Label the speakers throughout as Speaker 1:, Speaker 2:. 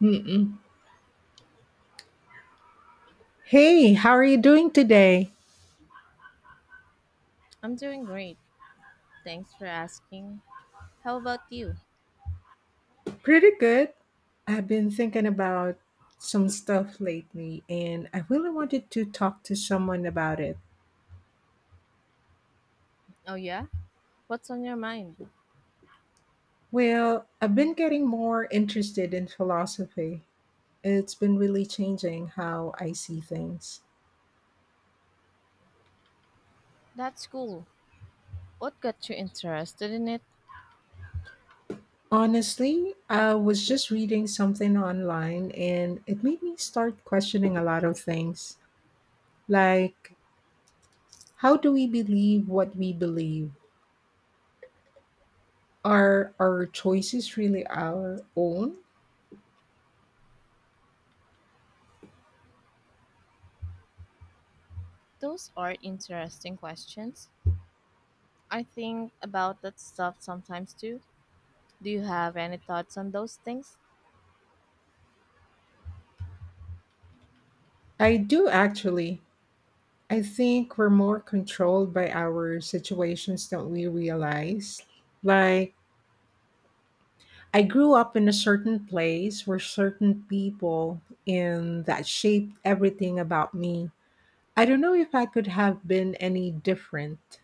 Speaker 1: Mm-mm. Hey, how are you doing today?
Speaker 2: I'm doing great. Thanks for asking. How about you?
Speaker 1: Pretty good. I've been thinking about some stuff lately and I really wanted to talk to someone about it.
Speaker 2: Oh, yeah? What's on your mind?
Speaker 1: Well, I've been getting more interested in philosophy. It's been really changing how I see things.
Speaker 2: That's cool. What got you interested in it?
Speaker 1: Honestly, I was just reading something online and it made me start questioning a lot of things. Like, how do we believe what we believe? Are our choices really our own?
Speaker 2: Those are interesting questions. I think about that stuff sometimes too. Do you have any thoughts on those things?
Speaker 1: I do actually. I think we're more controlled by our situations than we realize. Like, I grew up in a certain place where certain people in that shaped everything about me. I don't know if I could have been any different.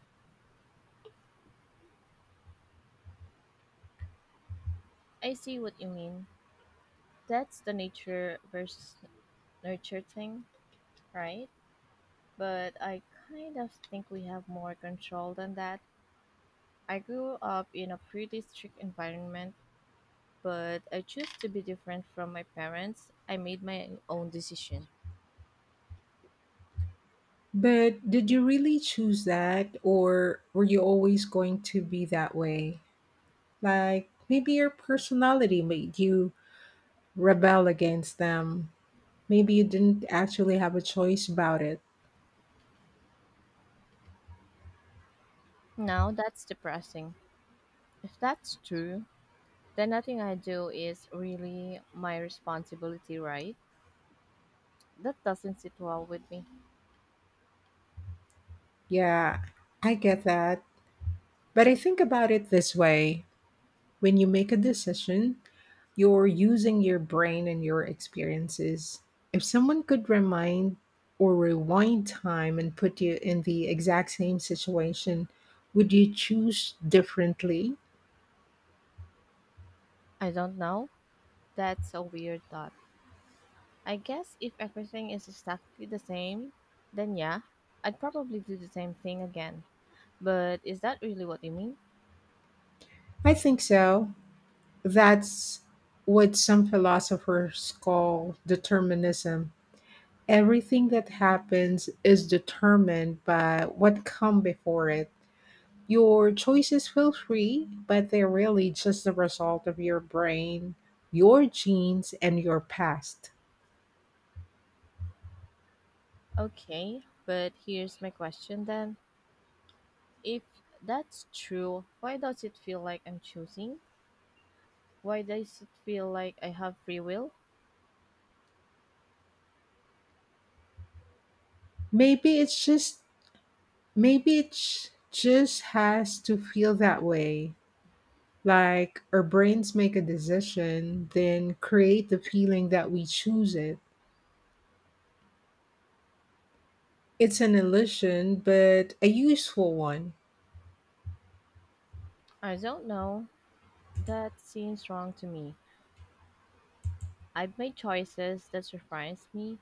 Speaker 2: I see what you mean. That's the nature versus nurture thing, right? But I kind of think we have more control than that. I grew up in a pretty strict environment but I choose to be different from my parents. I made my own decision.
Speaker 1: But did you really choose that, or were you always going to be that way? Like maybe your personality made you rebel against them. Maybe you didn't actually have a choice about it.
Speaker 2: Now that's depressing. If that's true, then nothing I do is really my responsibility, right? That doesn't sit well with me.
Speaker 1: Yeah, I get that. But I think about it this way when you make a decision, you're using your brain and your experiences. If someone could remind or rewind time and put you in the exact same situation, would you choose differently?
Speaker 2: I don't know. That's a weird thought. I guess if everything is exactly the same, then yeah, I'd probably do the same thing again. But is that really what you mean?
Speaker 1: I think so. That's what some philosophers call determinism. Everything that happens is determined by what come before it. Your choices feel free, but they're really just the result of your brain, your genes, and your past.
Speaker 2: Okay, but here's my question then. If that's true, why does it feel like I'm choosing? Why does it feel like I have free will?
Speaker 1: Maybe it's just maybe it sh- Just has to feel that way. Like our brains make a decision, then create the feeling that we choose it. It's an illusion, but a useful one.
Speaker 2: I don't know. That seems wrong to me. I've made choices that surprise me.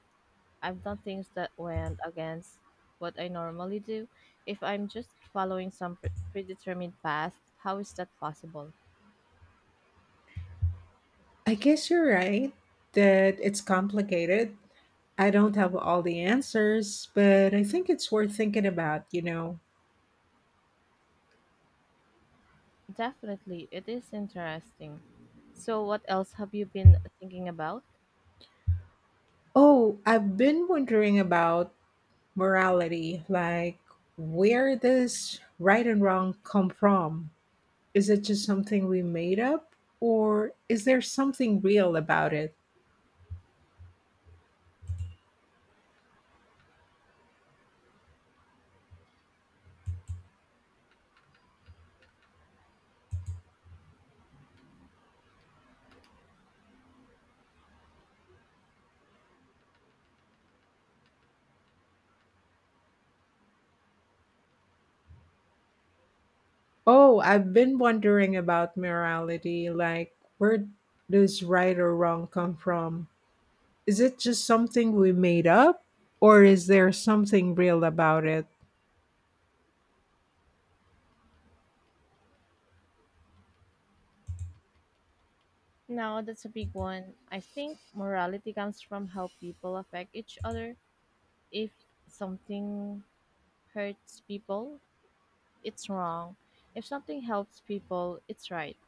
Speaker 2: I've done things that went against what I normally do. If I'm just following some predetermined path, how is that possible?
Speaker 1: I guess you're right that it's complicated. I don't have all the answers, but I think it's worth thinking about.
Speaker 2: Definitely, it is interesting. So, what else have you been thinking about?
Speaker 1: Oh, I've been wondering about morality, like where does right and wrong come from? Is it just something we made up, or is there something real about it? Oh, I've been wondering about morality, like where does right or wrong come from? Is it just something we made up, or is there something real about it?
Speaker 2: Now that's a big one. I think morality comes from how people affect each other. If something hurts people, it's wrong. If something helps people, it's right.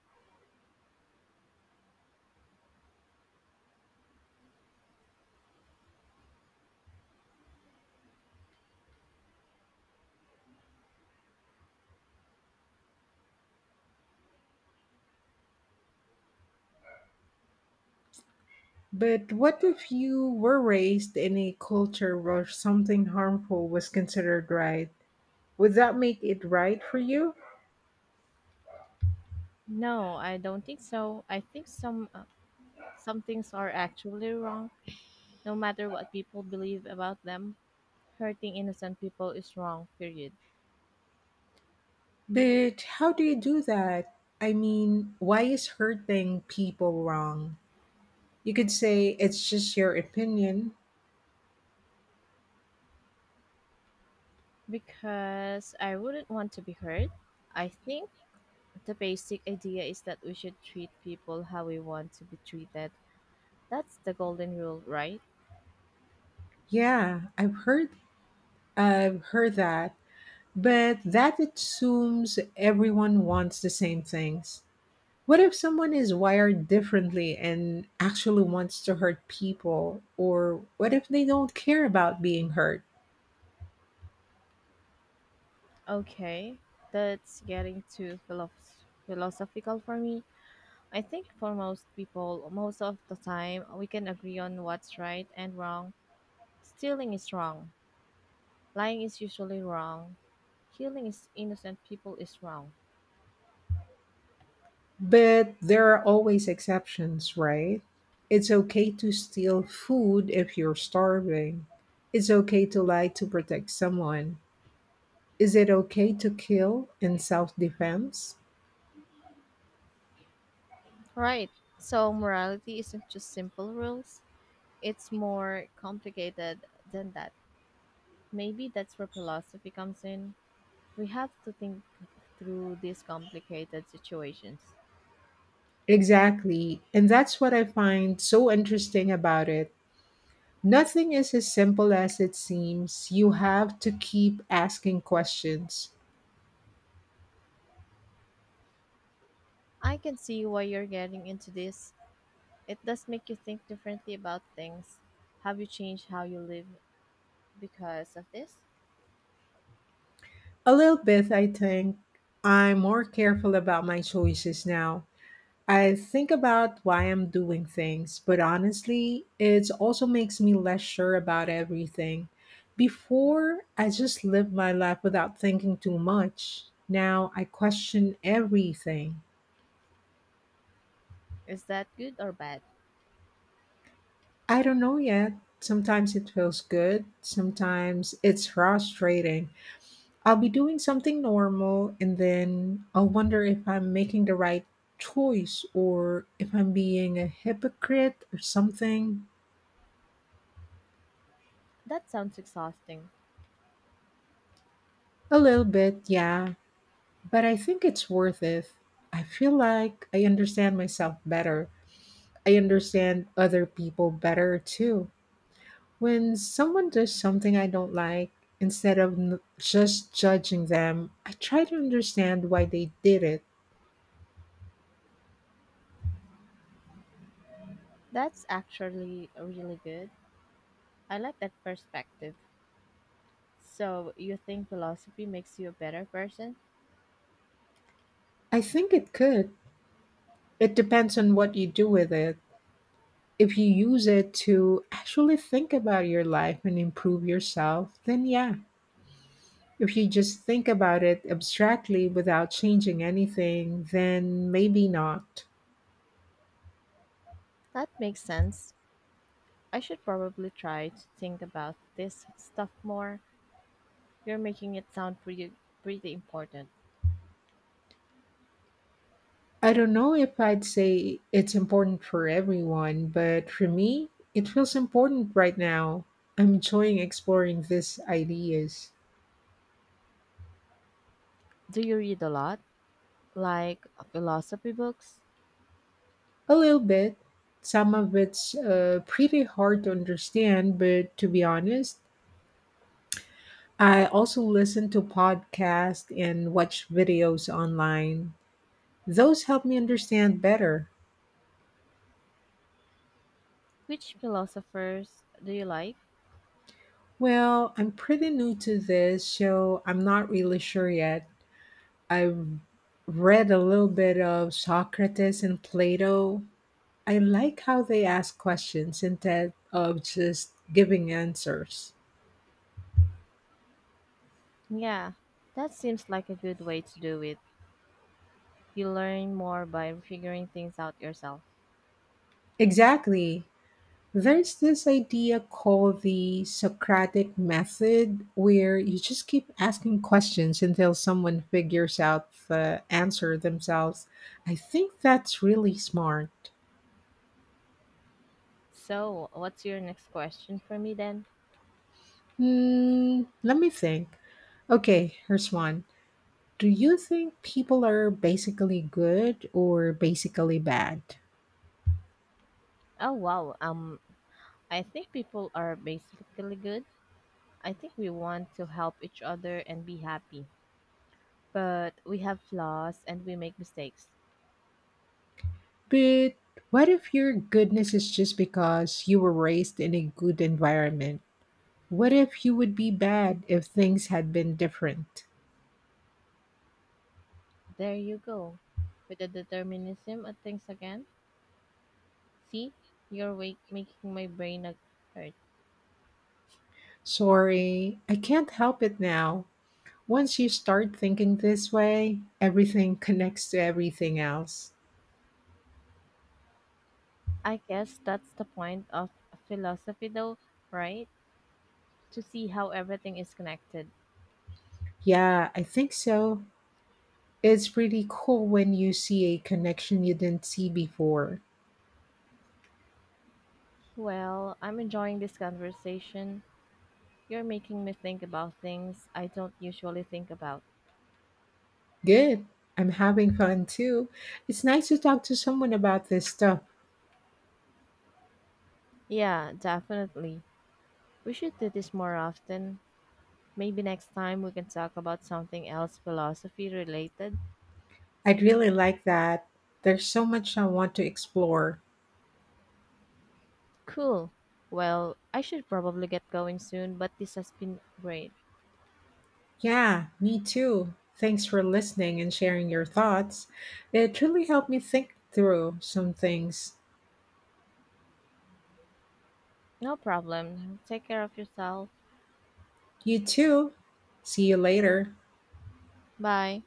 Speaker 1: But what if you were raised in a culture where something harmful was considered right? Would that make it right for you?
Speaker 2: No, I don't think so. I think some things are actually wrong no matter what people believe about them. Hurting innocent people is wrong, period.
Speaker 1: But how do you do that? I mean, why is hurting people wrong? You could say it's just your opinion.
Speaker 2: Because I wouldn't want to be hurt. I think the basic idea is that we should treat people how we want to be treated. That's the golden rule, right?
Speaker 1: Yeah, I've heard that, but that assumes everyone wants the same things. What if someone is wired differently and actually wants to hurt people? Or what if they don't care about being hurt?
Speaker 2: Okay, that's getting too philosophical for me. I think for most people, most of the time, we can agree on what's right and wrong. Stealing is wrong. Lying is usually wrong. Killing is innocent people is wrong.
Speaker 1: But there are always exceptions, right? It's okay to steal food if you're starving. It's okay to lie to protect someone. Is it okay to kill in self defense?
Speaker 2: Right. So morality isn't just simple rules. It's more complicated than that. Maybe that's where philosophy comes in. We have to think through these complicated situations.
Speaker 1: Exactly. And that's what I find so interesting about it. Nothing is as simple as it seems. You have to keep asking questions.
Speaker 2: I can see why you're getting into this. It does make you think differently about things. Have you changed how you live because of this?
Speaker 1: A little bit, I think. I'm more careful about my choices now. I think about why I'm doing things, but honestly, it also makes me less sure about everything. Before, I just lived my life without thinking too much. Now I question everything.
Speaker 2: Is that good or bad?
Speaker 1: I don't know yet. Sometimes it feels good, sometimes it's frustrating. I'll be doing something normal and then I'll wonder if I'm making the right choice or if I'm being a hypocrite or something.
Speaker 2: That sounds exhausting.
Speaker 1: A little bit, yeah, but I think it's worth it. I feel like I understand myself better. I understand other people better too. When someone does something I don't like, instead of just judging them, I try to understand why they did it.
Speaker 2: That's actually really good. I like that perspective. So, you think philosophy makes you a better person?
Speaker 1: I think it could. It depends on what you do with it if you use it to actually think about your life and improve yourself, then yeah. If you just think about it abstractly without changing anything, then maybe not.
Speaker 2: That makes sense. I should probably try to think about this stuff more. You're making it sound pretty important.
Speaker 1: I don't know if I'd say it's important for everyone, but for me, it feels important right now. I'm enjoying exploring these ideas
Speaker 2: Do you read a lot? Like philosophy books?
Speaker 1: a little bit. Some of it's pretty hard to understand, but to be honest, I also listen to podcasts and watch videos online. Those help me understand better.
Speaker 2: Which philosophers do you like?
Speaker 1: Well, I'm pretty new to this, so I'm not really sure yet. I've read a little bit of Socrates and Plato. I like how they ask questions instead of just giving answers.
Speaker 2: Yeah, that seems like a good way to do it. You learn more by figuring things out yourself.
Speaker 1: Exactly. There's this idea called the Socratic method where you just keep asking questions until someone figures out the answer themselves. I think that's really smart.
Speaker 2: So, what's your next question for me then?
Speaker 1: Hmm, let me think. Okay, here's one. Do you think people are basically good or basically bad?
Speaker 2: Oh wow, I think people are basically good. I think we want to help each other and be happy. But we have flaws and we make mistakes.
Speaker 1: But what if your goodness is just because you were raised in a good environment? What if you would be bad if things had been different?
Speaker 2: There you go. With the determinism of things again. See, you're making my brain. Hurt.
Speaker 1: Sorry, I can't help it now. Once you start thinking this way, everything connects to everything else.
Speaker 2: I guess that's the point of philosophy, though, right? To see how everything is connected.
Speaker 1: Yeah, I think so. It's pretty cool when you see a connection you didn't see before.
Speaker 2: Well, I'm enjoying this conversation. You're making me think about things I don't usually think about.
Speaker 1: Good. I'm having fun too. It's nice to talk to someone about this stuff.
Speaker 2: Yeah, definitely. We should do this more often. Maybe next time we can talk about something else philosophy related.
Speaker 1: I'd really like that. There's so much I want to explore.
Speaker 2: Cool. Well, I should probably get going soon, but this has been great.
Speaker 1: Yeah, me too. Thanks for listening and sharing your thoughts. It really helped me think through some things.
Speaker 2: No problem. Take care of yourself.
Speaker 1: You too. See you later.
Speaker 2: Bye.